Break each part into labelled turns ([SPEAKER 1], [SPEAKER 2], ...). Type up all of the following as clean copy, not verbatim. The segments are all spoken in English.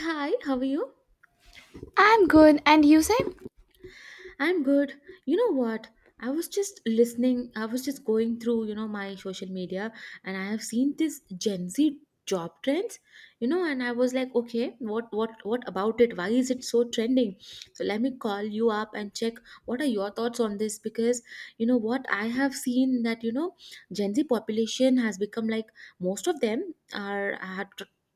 [SPEAKER 1] Hi, how are you?
[SPEAKER 2] I'm good, and you say?
[SPEAKER 1] I'm good. You know what? I was just going through, you know, my social media and I have seen this Gen Z job trends, you know, and I was like, okay, what about it? Why is it so trending? So let me call you up and check what are your thoughts on this because you know what I have seen that, you know, Gen Z population has become like most of them are are-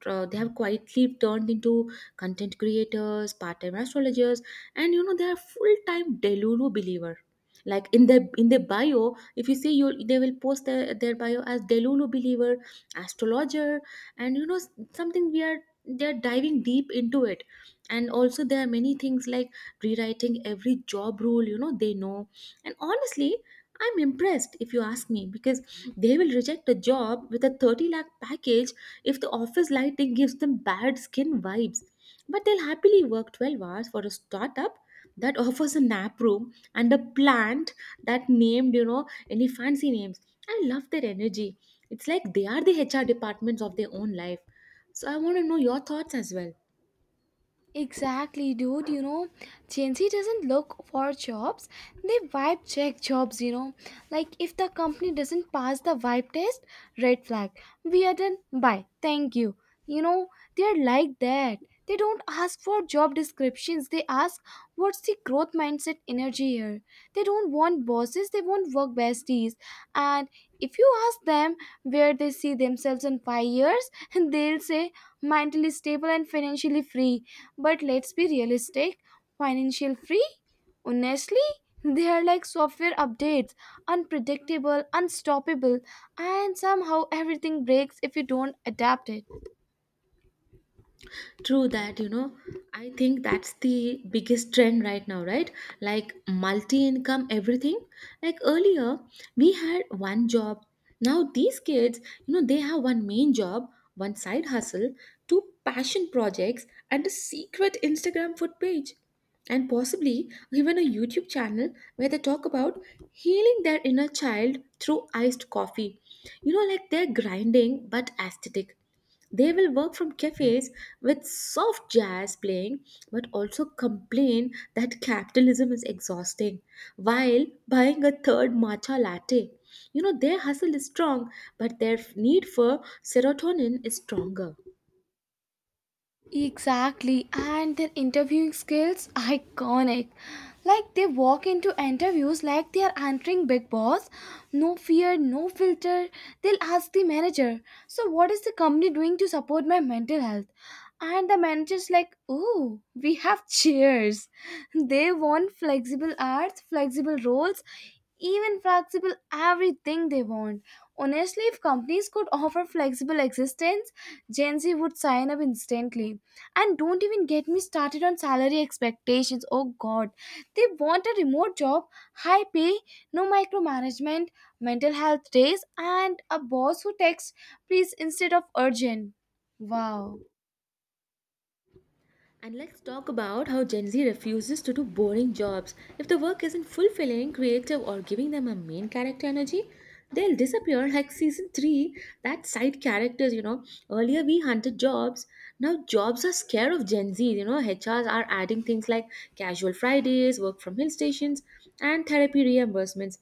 [SPEAKER 1] uh, they have quietly turned into content creators, part-time astrologers, and you know they are full-time delulu believer like in their bio if you see you they will post their bio as delulu believer astrologer and you know something we are they're diving deep into it. And also there are many things like rewriting every job rule, you know they know. And honestly, I'm impressed if you ask me because they will reject a job with a 30 lakh package if the office lighting gives them bad skin vibes, but they'll happily work 12 hours for a startup that offers a nap room and a plant that named, you know, any fancy names. I love their energy. It's like they are the HR departments of their own life. So I want to know your thoughts as well.
[SPEAKER 2] Exactly, dude. Gen Z doesn't look for jobs, they vibe check jobs. Like if the company doesn't pass the vibe test, red flag. We are done. Bye. Thank you. You know, they're like that. They don't ask for job descriptions, they ask what's the growth mindset energy here. They don't want bosses, they want work besties. And if you ask them where they see themselves in 5 years, they'll say mentally stable and financially free, but let's be realistic. Financial free? Honestly, they are like software updates, unpredictable, unstoppable, and somehow everything breaks if you don't adapt it.
[SPEAKER 1] True that, you know, I think that's the biggest trend right now, right? Like multi income, everything. Like earlier, we had one job. Now, these kids, you know, they have one main job, one side hustle, two passion projects, and a secret Instagram food page. And possibly even a YouTube channel where they talk about healing their inner child through iced coffee. You know, like they're grinding but aesthetic. They will work from cafes with soft jazz playing, but also complain that capitalism is exhausting while buying a third matcha latte. You know, their hustle is strong, but their need for serotonin is stronger.
[SPEAKER 2] Exactly, and their interviewing skills iconic. Like they walk into interviews like they are entering Big Boss. No fear, no filter. They'll ask the manager, "So what is the company doing to support my mental health?" And the manager's like, "Oh, we have cheers." They want flexible hours, flexible roles, even flexible everything they want. Honestly, if companies could offer flexible existence, Gen Z would sign up instantly. And don't even get me started on salary expectations. Oh god. They want a remote job, high pay, no micromanagement, mental health days, and a boss who texts please instead of urgent. Wow.
[SPEAKER 1] And let's talk about how Gen Z refuses to do boring jobs. If the work isn't fulfilling, creative, or giving them a main character energy, they'll disappear like season 3. That side characters, you know. Earlier we hunted jobs. Now jobs are scared of Gen Z. You know, HRs are adding things like casual Fridays, work from hill stations, and therapy reimbursements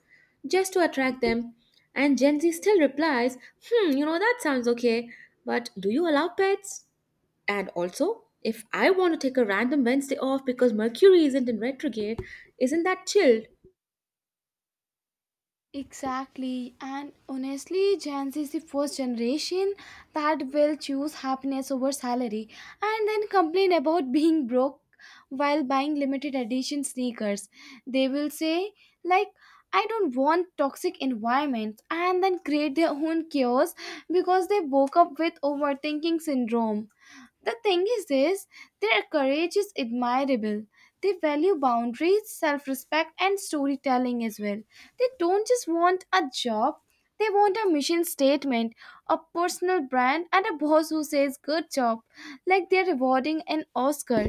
[SPEAKER 1] just to attract them. And Gen Z still replies, hmm, you know, that sounds okay. But do you allow pets? And also, if I want to take a random Wednesday off because Mercury isn't in retrograde, isn't that chilled?
[SPEAKER 2] Exactly, and honestly, Gen Z is the first generation that will choose happiness over salary and then complain about being broke while buying limited edition sneakers. They will say, like, I don't want toxic environments and then create their own chaos because they woke up with overthinking syndrome. The thing is this, their courage is admirable. They value boundaries, self-respect and storytelling as well. They don't just want a job, they want a mission statement, a personal brand and a boss who says good job, like they're rewarding an Oscar.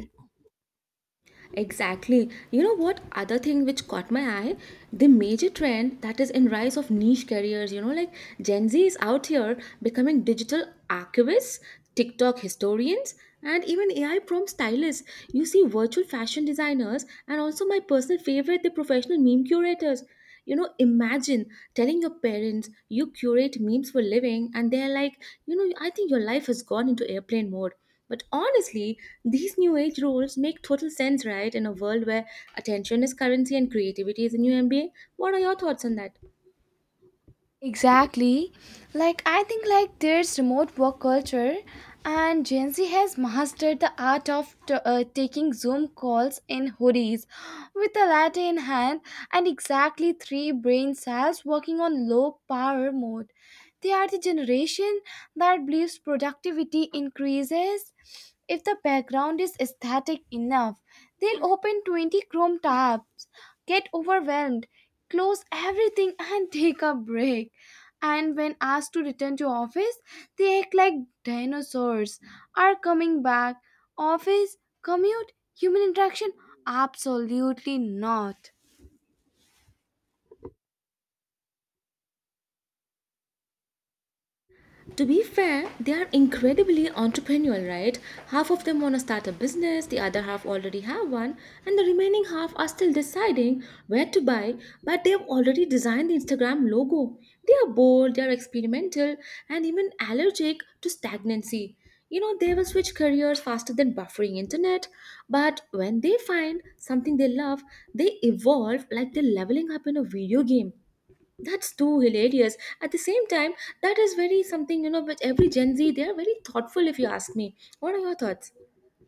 [SPEAKER 1] Exactly. You know what other thing which caught my eye? The major trend that is in rise of niche careers, you know, like Gen Z is out here becoming digital archivists, TikTok historians, and even AI prompt stylists. You see virtual fashion designers and also my personal favorite, the professional meme curators. You know, imagine telling your parents you curate memes for living and they're like, you know, I think your life has gone into airplane mode. But honestly, these new age roles make total sense, right? In a world where attention is currency and creativity is a new MBA. What are your thoughts on that?
[SPEAKER 2] Exactly. Like I think like there's remote work culture and Gen Z has mastered the art of taking Zoom calls in hoodies with a latte in hand and exactly 3 brain cells working on low power mode. They are the generation that believes productivity increases if the background is aesthetic enough. They'll open 20 Chrome tabs, get overwhelmed, close everything, and take a break. And when asked to return to office, they act like dinosaurs are coming back. Office, commute, human interaction? Absolutely not.
[SPEAKER 1] To be fair, they are incredibly entrepreneurial, right? Half of them want to start a business, the other half already have one, and the remaining half are still deciding where to buy, but they have already designed the Instagram logo. They are bold, they are experimental, and even allergic to stagnancy. You know, they will switch careers faster than buffering internet, but when they find something they love, they evolve like they're leveling up in a video game. That's too hilarious. At the same time, that is very something, you know, which every Gen Z, they are very thoughtful if you ask me. What are your thoughts?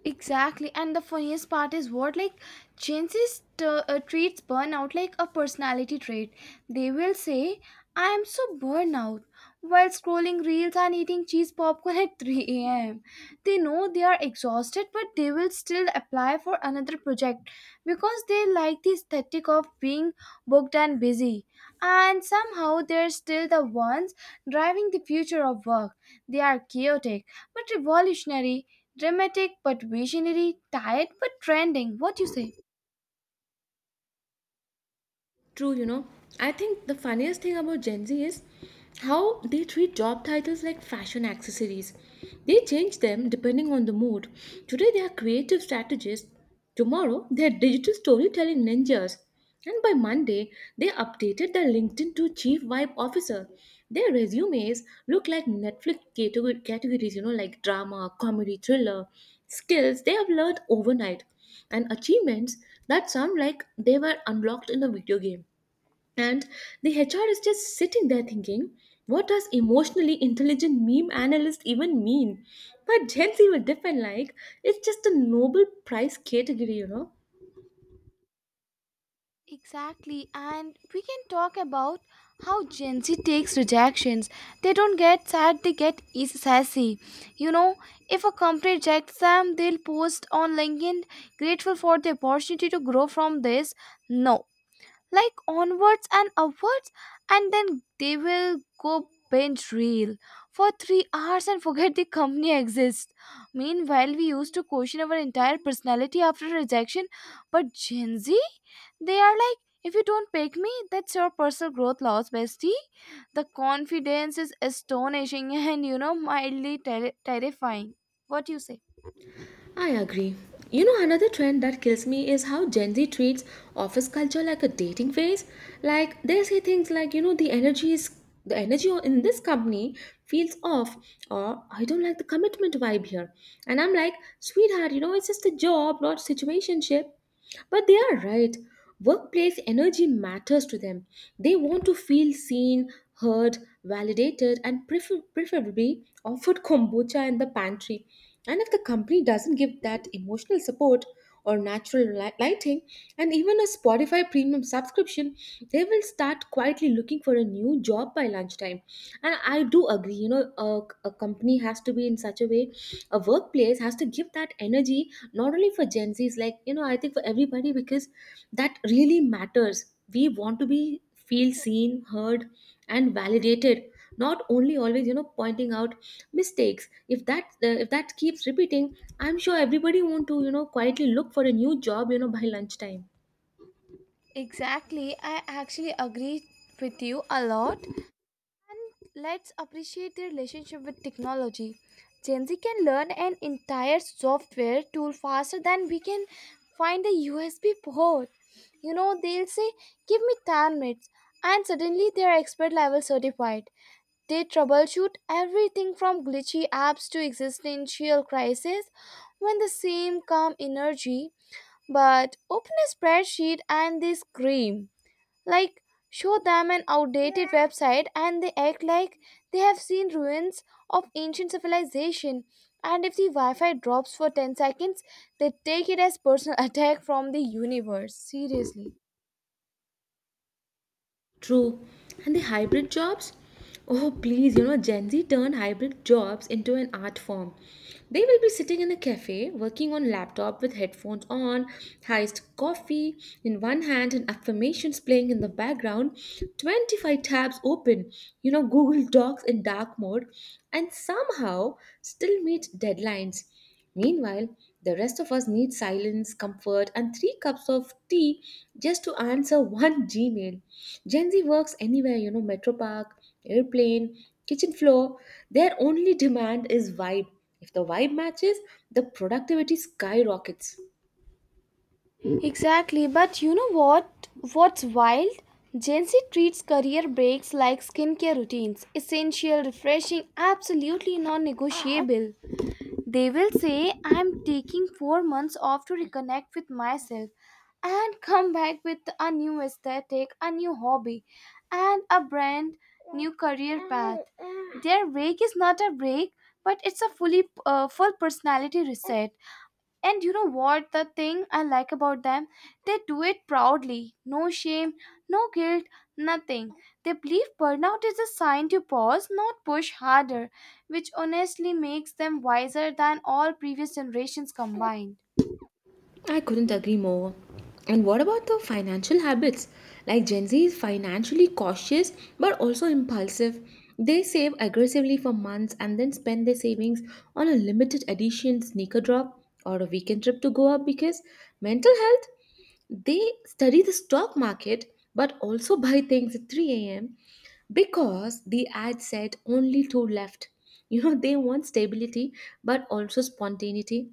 [SPEAKER 2] Exactly, and the funniest part is what like Gen Z treats burnout like a personality trait. They will say, "I am so burned out," while scrolling reels and eating cheese popcorn at 3 a.m. They know they are exhausted, but they will still apply for another project because they like the aesthetic of being booked and busy. And somehow they're still the ones driving the future of work. They are chaotic but revolutionary, dramatic but visionary, tired but trending. What you say?
[SPEAKER 1] True, you know. I think the funniest thing about Gen Z is how they treat job titles like fashion accessories. They change them depending on the mood. Today they are creative strategists, tomorrow they are digital storytelling ninjas, and by Monday they updated their LinkedIn to Chief Vibe Officer. Their resumes look like categories, you know, like drama, comedy, thriller, skills they have learned overnight and achievements that sound like they were unlocked in a video game. And the HR is just sitting there thinking, what does emotionally intelligent meme analyst even mean? But Gen Z will defend like it's just a Nobel Prize category, you know?
[SPEAKER 2] Exactly, and we can talk about how Gen Z takes rejections. They don't get sad, they get sassy. You know, if a company rejects them, they'll post on LinkedIn, grateful for the opportunity to grow from this. No, like onwards and upwards, and then they will go binge reel for 3 hours and forget the company exists. Meanwhile, we used to question our entire personality after rejection, but Gen Z, they are like, if you don't pick me, that's your personal growth loss, bestie. The confidence is astonishing and mildly terrifying. What do you say?
[SPEAKER 1] I agree. You know, another trend that kills me is how Gen Z treats office culture like a dating phase. Like they say things like, you know, the energy in this company feels off, or I don't like the commitment vibe here. And I'm like, sweetheart, you know, it's just a job, not situationship. But they are right. Workplace energy matters to them. They want to feel seen, heard, validated, and preferably offered kombucha in the pantry. And if the company doesn't give that emotional support or natural lighting and even a Spotify premium subscription, they will start quietly looking for a new job by lunchtime. And I do agree, you know, a company has to be in such a way, a workplace has to give that energy not only for Gen Zs, like, you know, I think for everybody because that really matters. We want to be feel seen, heard, and validated, not only always, you know, pointing out mistakes. If that if that keeps repeating, I'm sure everybody want to, you know, quietly look for a new job, you know, by lunchtime.
[SPEAKER 2] Exactly, I actually agree with you a lot. And let's appreciate the relationship with technology. Gen Z can learn an entire software tool faster than we can find a USB port. They'll say, give me 10 minutes, and suddenly they're expert level certified. They troubleshoot everything from glitchy apps to existential crises. When the same calm energy, but open a spreadsheet and they scream. Like, show them an outdated website and they act like they have seen ruins of ancient civilization. And if the Wi Fi drops for 10 seconds, they take it as personal attack from the universe. Seriously.
[SPEAKER 1] True. And the hybrid jobs? Oh, please, you know, Gen Z turned hybrid jobs into an art form. They will be sitting in a cafe, working on laptop with headphones on, iced coffee in one hand and affirmations playing in the background, 25 tabs open, you know, Google Docs in dark mode, and somehow still meet deadlines. Meanwhile, the rest of us need silence, comfort, and three cups of tea just to answer one Gmail. Gen Z works anywhere, you know, metro park, airplane, kitchen floor. Their only demand is vibe. If the vibe matches, the productivity skyrockets.
[SPEAKER 2] Exactly, but you know what? What's wild? Gen Z treats career breaks like skincare routines, essential, refreshing, absolutely non negotiable. They will say, I'm taking 4 months off to reconnect with myself and come back with a new aesthetic, a new hobby, and a brand new career path. Their break is not a break, but it's a full personality reset. And you know what? The thing I like about them, they do it proudly. No shame, no guilt, nothing. They believe burnout is a sign to pause, not push harder, which honestly makes them wiser than all previous generations combined.
[SPEAKER 1] I couldn't agree more. And what about the financial habits? Like Gen Z is financially cautious but also impulsive. They save aggressively for months and then spend their savings on a limited edition sneaker drop or a weekend trip to Goa because mental health, they study the stock market but also buy things at 3 a.m. because the ad said only two left. You know, they want stability but also spontaneity,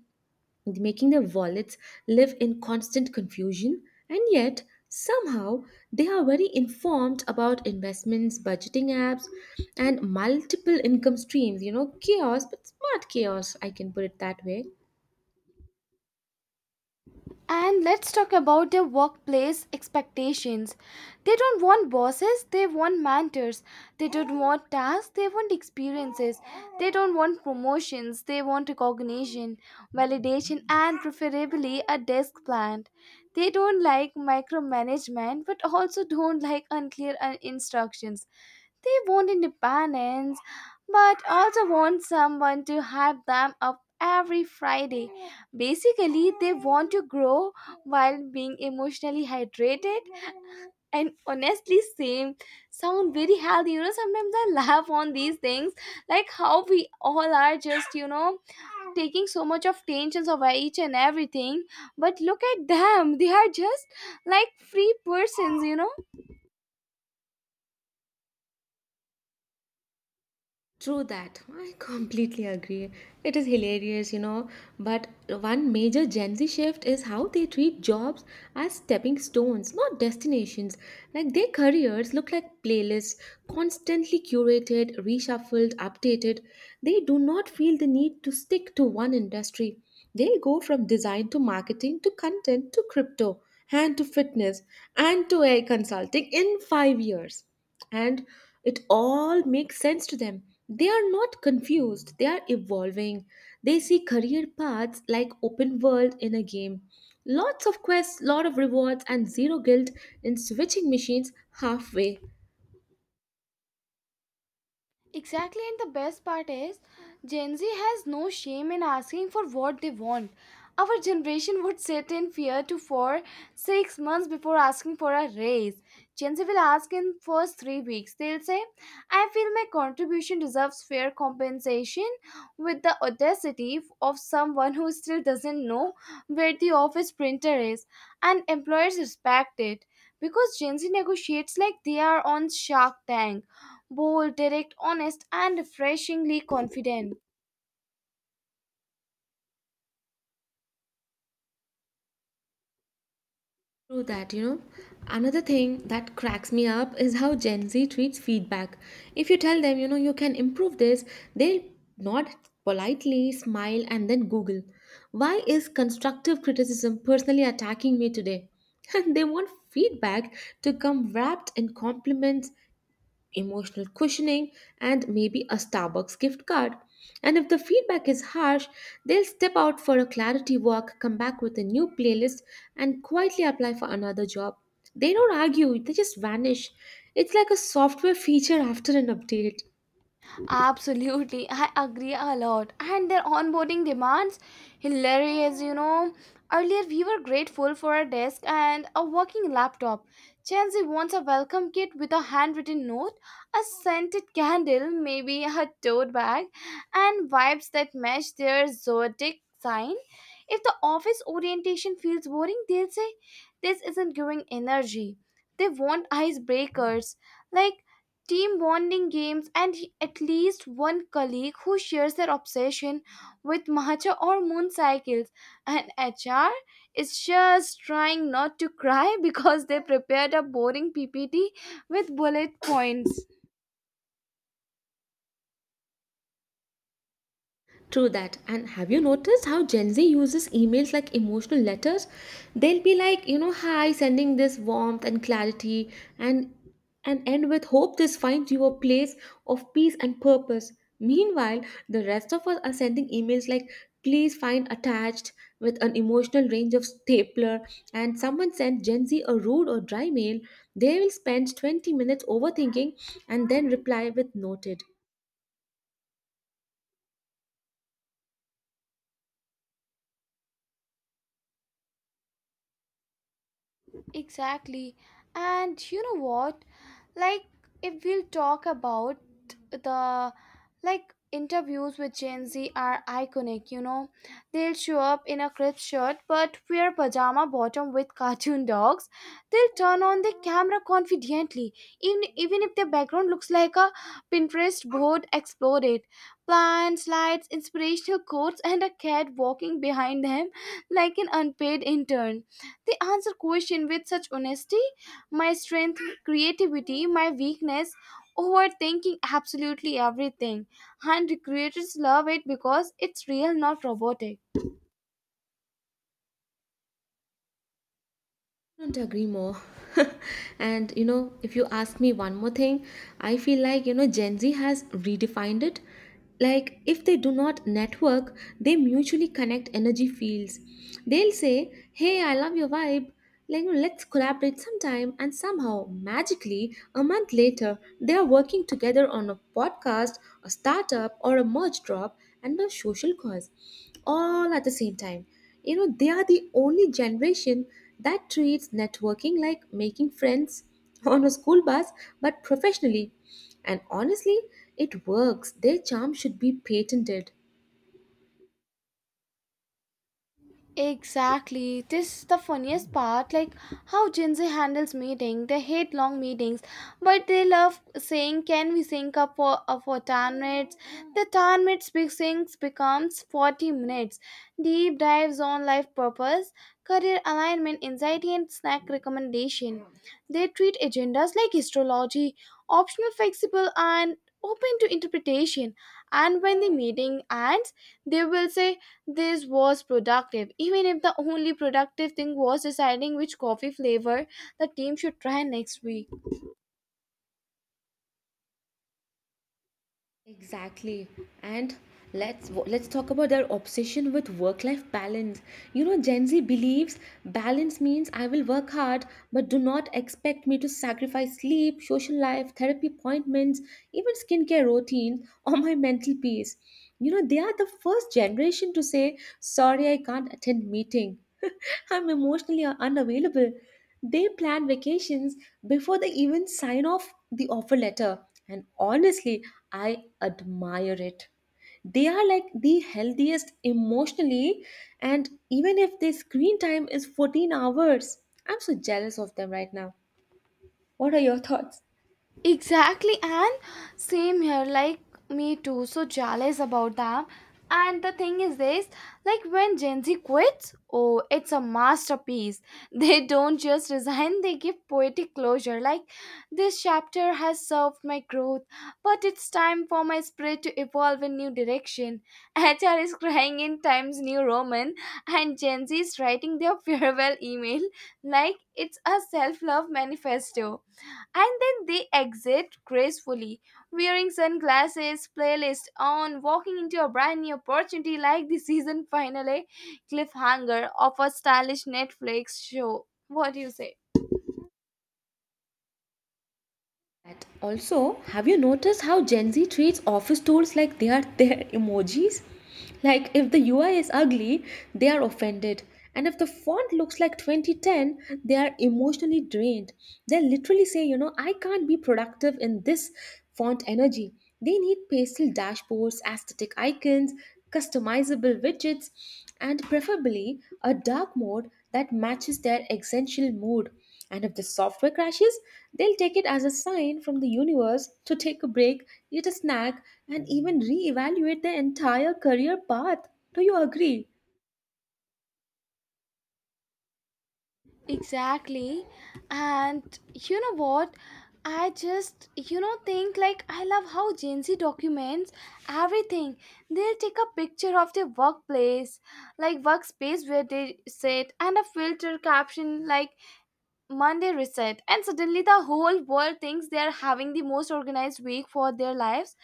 [SPEAKER 1] making their wallets live in constant confusion, and yet somehow they are very informed about investments, budgeting apps, and multiple income streams. You know, chaos, but smart chaos, I can put it that way.
[SPEAKER 2] And let's talk about their workplace expectations. They don't want bosses, they want mentors. They don't want tasks, they want experiences. They don't want promotions, they want recognition, validation, and preferably a desk plant. They don't like micromanagement but also don't like unclear instructions. They want independence but also want someone to hype them up every Friday. Basically, they want to grow while being emotionally hydrated. And honestly, same sound very healthy. Sometimes I laugh on these things, like how we all are just, taking so much of tensions over each and everything. But look at them, they are just like free persons.
[SPEAKER 1] True that. I completely agree. It is hilarious, you know. But one major Gen Z shift is how they treat jobs as stepping stones, not destinations. Like their careers look like playlists, constantly curated, reshuffled, updated. They do not feel the need to stick to one industry. They go from design to marketing to content to crypto and to fitness and to AI consulting in 5 years and it all makes sense to them. They are not confused, they are evolving. They see career paths like open world in a game. Lots of quests, lot of rewards, and zero guilt in switching machines halfway.
[SPEAKER 2] Exactly, and the best part is Gen Z has no shame in asking for what they want. Our generation would sit in fear to for 6 months before asking for a raise. Gen Z will ask in first 3 weeks. They'll say, I feel my contribution deserves fair compensation with the audacity of someone who still doesn't know where the office printer is. And employers respect it because Gen Z negotiates like they are on Shark Tank, bold, direct, honest, and refreshingly confident.
[SPEAKER 1] True that, you know. Another thing that cracks me up is how Gen Z treats feedback. If you tell them, you know, you can improve this, they'll nod politely, smile, and then Google. Why is constructive criticism personally attacking me today? And they want feedback to come wrapped in compliments, emotional cushioning, and maybe a Starbucks gift card. And if the feedback is harsh, they'll step out for a clarity walk, come back with a new playlist, and quietly apply for another job. They don't argue, they just vanish. It's like a software feature after an update.
[SPEAKER 2] Absolutely, I agree a lot. And their onboarding demands, hilarious. Earlier, we were grateful for a desk and a working laptop. Gen Z wants a welcome kit with a handwritten note, a scented candle, maybe a tote bag, and vibes that match their zodiac sign. If the office orientation feels boring, they'll say, this isn't giving energy. They want icebreakers like team bonding games, and at least one colleague who shares their obsession with matcha or moon cycles. And HR is just trying not to cry because they prepared a boring PPT with bullet points.
[SPEAKER 1] True that. And have you noticed how Gen Z uses emails like emotional letters? They'll be like, you know, hi, sending this warmth and clarity and and end with hope this finds you a place of peace and purpose. Meanwhile, the rest of us are sending emails like please find attached with an emotional range of stapler, and someone sent Gen Z a rude or dry mail, they will spend 20 minutes overthinking and then reply with noted.
[SPEAKER 2] Exactly. And you know what? Like, if we'll talk about the like interviews with Gen Z are iconic. They'll show up in a crisp shirt but wear pajama bottom with cartoon dogs. They'll turn on the camera confidently, even if their background looks like a Pinterest board exploded. Plants, lights, inspirational quotes, and a cat walking behind them like an unpaid intern. They answer question with such honesty. My strength, creativity, my weakness, overthinking absolutely everything. And creators love it because it's real, not robotic.
[SPEAKER 1] Couldn't agree more. And you know, if you ask me one more thing, I feel like you know Gen Z has redefined it. Like if they do not network, they mutually connect energy fields. They'll say, "Hey, I love your vibe. Like you know, let's collaborate sometime," and somehow magically, a month later, they are working together on a podcast, a startup, or a merch drop, and a social cause, all at the same time. You know, they are the only generation that treats networking like making friends on a school bus, but professionally. And honestly, it works. Their charm should be patented.
[SPEAKER 2] Exactly. This is the funniest part, like how Gen Z handles meeting. They hate long meetings, but they love saying, "Can we sync up for 10 minutes?" The 10 minutes big syncs becomes 40 minutes. Deep dives on life purpose, career alignment, anxiety, and snack recommendation. They treat agendas like astrology, optional, flexible, and open to interpretation. And when the meeting ends, they will say this was productive, even if the only productive thing was deciding which coffee flavor the team should try next week.
[SPEAKER 1] Exactly. And let's talk about their obsession with work-life balance. You know, Gen Z believes balance means I will work hard, but do not expect me to sacrifice sleep, social life, therapy appointments, even skincare routines or my mental peace. You know, they are the first generation to say, "Sorry, I can't attend meeting. I'm emotionally unavailable." They plan vacations before they even sign off the offer letter. And honestly, I admire it. They are like the healthiest emotionally, and even if their screen time is 14 hours, I'm so jealous of them right now. What are your thoughts?
[SPEAKER 2] Exactly, and same here, like me too. So jealous about them. And the thing is this, like when Gen Z quits, oh, it's a masterpiece. They don't just resign, they give poetic closure. Like, this chapter has served my growth, but it's time for my spirit to evolve in new direction. HR is crying in Times New Roman, and Gen Z is writing their farewell email like it's a self love manifesto. And then they exit gracefully, wearing sunglasses, playlist on, walking into a brand new opportunity like the season finale cliffhanger of a stylish Netflix show. What do you say?
[SPEAKER 1] That also, have you noticed how Gen Z treats office tools like they are their emojis? Like if the UI is ugly, they are offended. And if the font looks like 2010, they are emotionally drained. They literally say, you know, I can't be productive in this font energy. They need pastel dashboards, aesthetic icons, customizable widgets, and preferably a dark mode that matches their essential mood. And if the software crashes, they'll take it as a sign from the universe to take a break, eat a snack, and even reevaluate their entire career path. Do you agree?
[SPEAKER 2] Exactly. And you know what? I just, think like I love how Gen Z documents everything. They'll take a picture of their workplace, like workspace where they sit, and a filter caption like Monday reset, and suddenly the whole world thinks they are having the most organized week for their lives.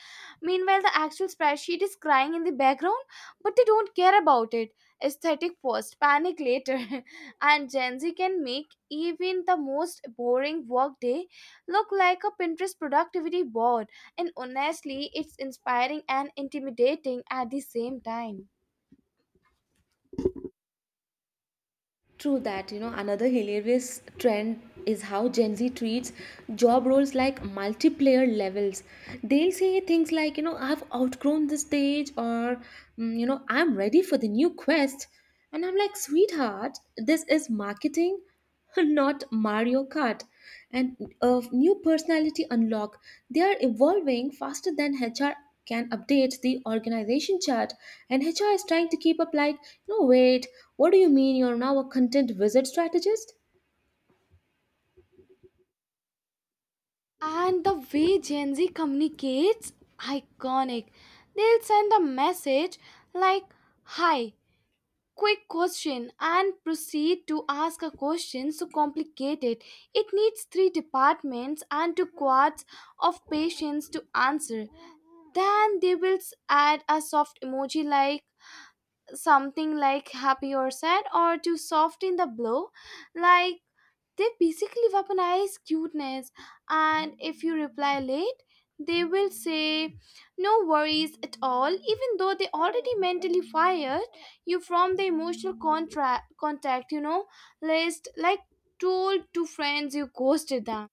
[SPEAKER 2] Meanwhile, the actual spreadsheet is crying in the background, but they don't care about it. Aesthetic first, panic later. And Gen Z can make even the most boring workday look like a Pinterest productivity board. And honestly, it's inspiring and intimidating at the same time.
[SPEAKER 1] True that. You know, another hilarious trend is how Gen Z treats job roles like multiplayer levels. They'll say things like, you know, I've outgrown this stage or, you know, I'm ready for the new quest. And I'm like, sweetheart, this is marketing, not Mario Kart. And a new personality unlock. They are evolving faster than HR can update the organization chart, and HR is trying to keep up like, no wait, what do you mean you're now a content wizard strategist?
[SPEAKER 2] And the way Gen Z communicates, iconic. They'll send a message like, hi, quick question, and proceed to ask a question so complicated. It needs three departments and two quarts of patience to answer. Then they will add a soft emoji like something like happy or sad, or to soften the blow, like they basically weaponize cuteness, and if you reply late, they will say no worries at all, even though they already mentally fired you from the emotional contract contact, list like told to friends you ghosted them.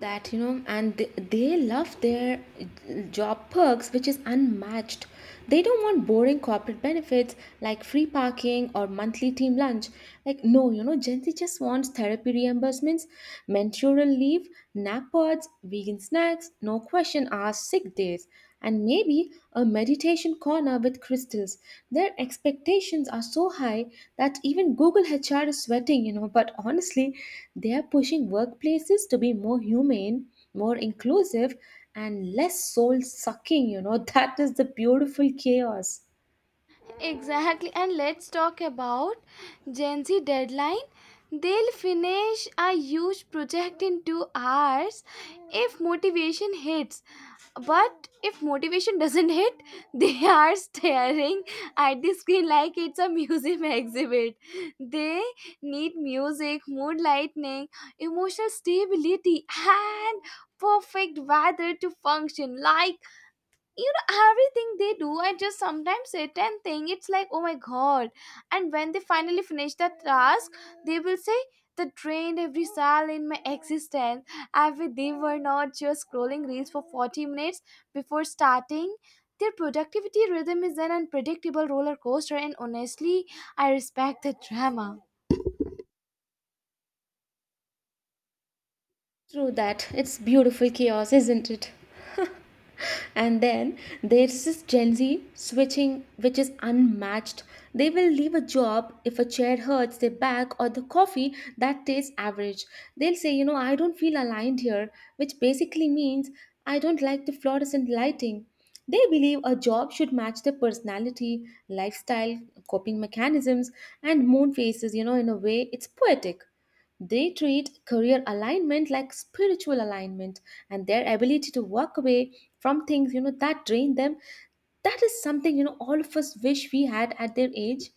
[SPEAKER 1] That, you know, and they love their job perks, which is unmatched. They don't want boring corporate benefits like free parking or monthly team lunch. Like, no, you know, Gen Z just wants therapy reimbursements, menstrual leave, nap pods, vegan snacks, no question asked sick days, and maybe a meditation corner with crystals. Their expectations are so high that even Google HR is sweating, you know. But honestly, they are pushing workplaces to be more humane, more inclusive, and less soul sucking, you know. That is the beautiful chaos.
[SPEAKER 2] Exactly. And let's talk about Gen Z deadline. They'll finish a huge project in 2 hours if motivation hits. But if motivation doesn't hit, they are staring at the screen like it's a museum exhibit. They need music, mood lightning, emotional stability, and perfect weather to function like everything they do. I just sometimes sit and think it's like, oh my god. And when they finally finish the task, they will say that drained every cell in my existence. I wish they were not just scrolling reels for 40 minutes before starting. Their productivity rhythm is an unpredictable roller coaster, and honestly, I respect the drama.
[SPEAKER 1] True that. It's beautiful chaos, isn't it? And then there's this Gen Z switching, which is unmatched. They will leave a job if a chair hurts their back or the coffee that tastes average. They'll say, you know, I don't feel aligned here, which basically means I don't like the fluorescent lighting. They believe a job should match their personality, lifestyle, coping mechanisms, and moon phases. You know, in a way it's poetic. They treat career alignment like spiritual alignment, and their ability to walk away from things, you know, that drain them, that is something, you know, all of us wish we had at their age.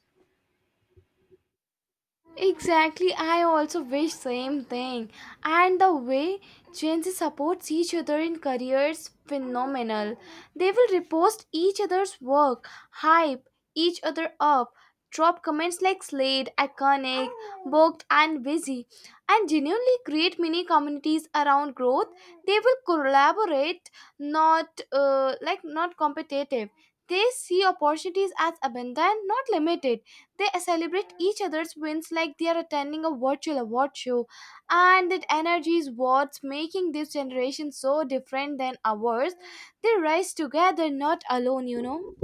[SPEAKER 2] Exactly, I also wish same thing. And the way Gen Z supports each other in careers phenomenal. They will repost each other's work, hype each other up, drop comments like Slade, Iconic, Booked and Busy, and genuinely create mini communities around growth. They will collaborate, not like not competitive. They see opportunities as abundant, not limited. They celebrate each other's wins like they are attending a virtual award show, and that energy is what's making this generation so different than ours. They rise together, not alone.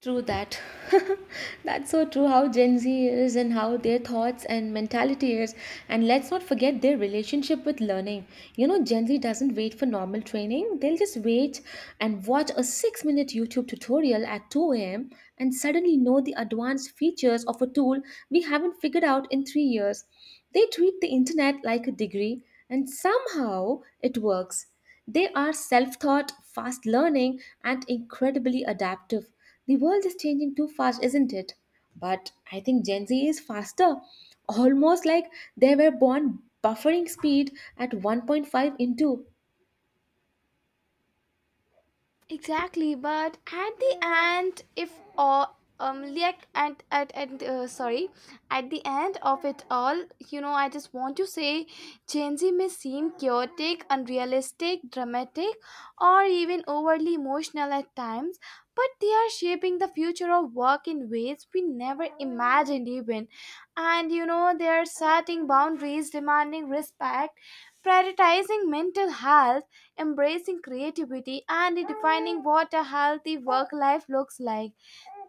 [SPEAKER 1] True that. That's so true how Gen Z is and how their thoughts and mentality is. And let's not forget their relationship with learning. You know, Gen Z doesn't wait for normal training, they'll just wait and watch a 6 minute YouTube tutorial at 2 a.m. and suddenly know the advanced features of a tool we haven't figured out in 3 years. They treat the internet like a degree, and somehow it works. They are self taught, fast learning, and incredibly adaptive. The world is changing too fast, isn't it? But I think Gen Z is faster, almost like they were born buffering speed at 1.5 into.
[SPEAKER 2] Exactly, but at the end, if all like at sorry, at the end of it all, I just want to say, Gen Z may seem chaotic, unrealistic, dramatic, or even overly emotional at times, but they are shaping the future of work in ways we never imagined even, and they are setting boundaries, demanding respect, prioritizing mental health, embracing creativity, and defining what a healthy work life looks like.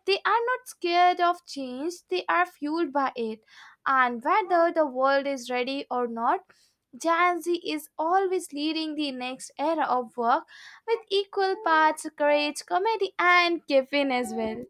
[SPEAKER 2] They are not scared of change, they are fueled by it. And whether the world is ready or not, Gen Z is always leading the next era of work with equal parts courage, comedy, and caffeine as well.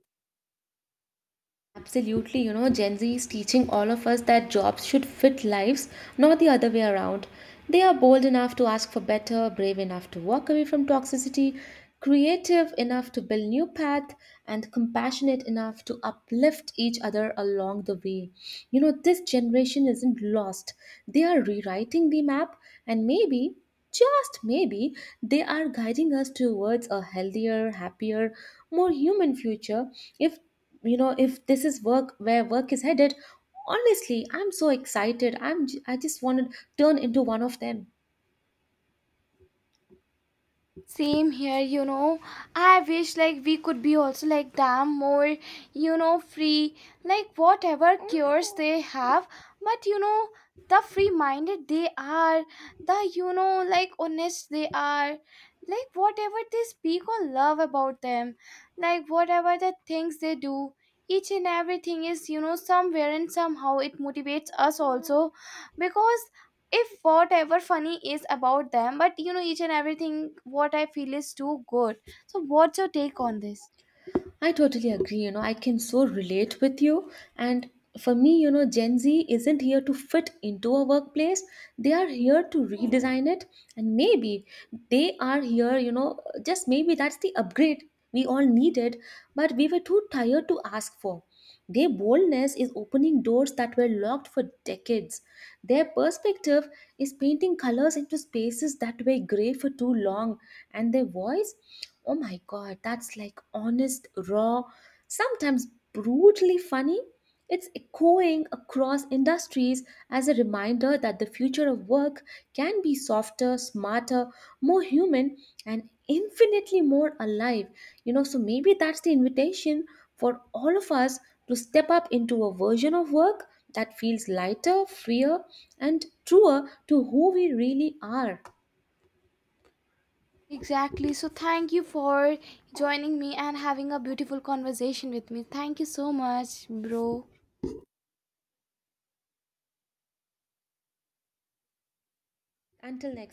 [SPEAKER 1] Absolutely, you know, Gen Z is teaching all of us that jobs should fit lives, not the other way around. They are bold enough to ask for better, brave enough to walk away from toxicity, creative enough to build new path, and compassionate enough to uplift each other along the way. You know, this generation isn't lost. They are rewriting the map, and maybe, just maybe, they are guiding us towards a healthier, happier, more human future. If, you know, if this is work, where work is headed, honestly I'm so excited. I'm I just want to turn into one of them.
[SPEAKER 2] Same here. I wish like we could be also like them more, free, like whatever cures they have. But the free minded they are, the like honest they are, like whatever they speak or love about them, like whatever the things they do, each and everything is, somewhere and somehow it motivates us also, because if whatever funny is about them, but each and everything what I feel is too good. So what's your take on this?
[SPEAKER 1] I totally agree, you know, I can so relate with you. And for me, you know, Gen Z isn't here to fit into a workplace, they are here to redesign it. And maybe they are here, you know, just maybe that's the upgrade we all needed, but we were too tired to ask for. Their boldness is opening doors that were locked for decades. Their perspective is painting colors into spaces that were gray for too long. And their voice, oh my god, that's like honest, raw, sometimes brutally funny. It's echoing across industries as a reminder that the future of work can be softer, smarter, more human, and infinitely more alive. You know, so maybe that's the invitation for all of us to step up into a version of work that feels lighter, freer, and truer to who we really are.
[SPEAKER 2] Exactly, so thank you for joining me and having a beautiful conversation with me. Thank you so much, bro.
[SPEAKER 1] Until next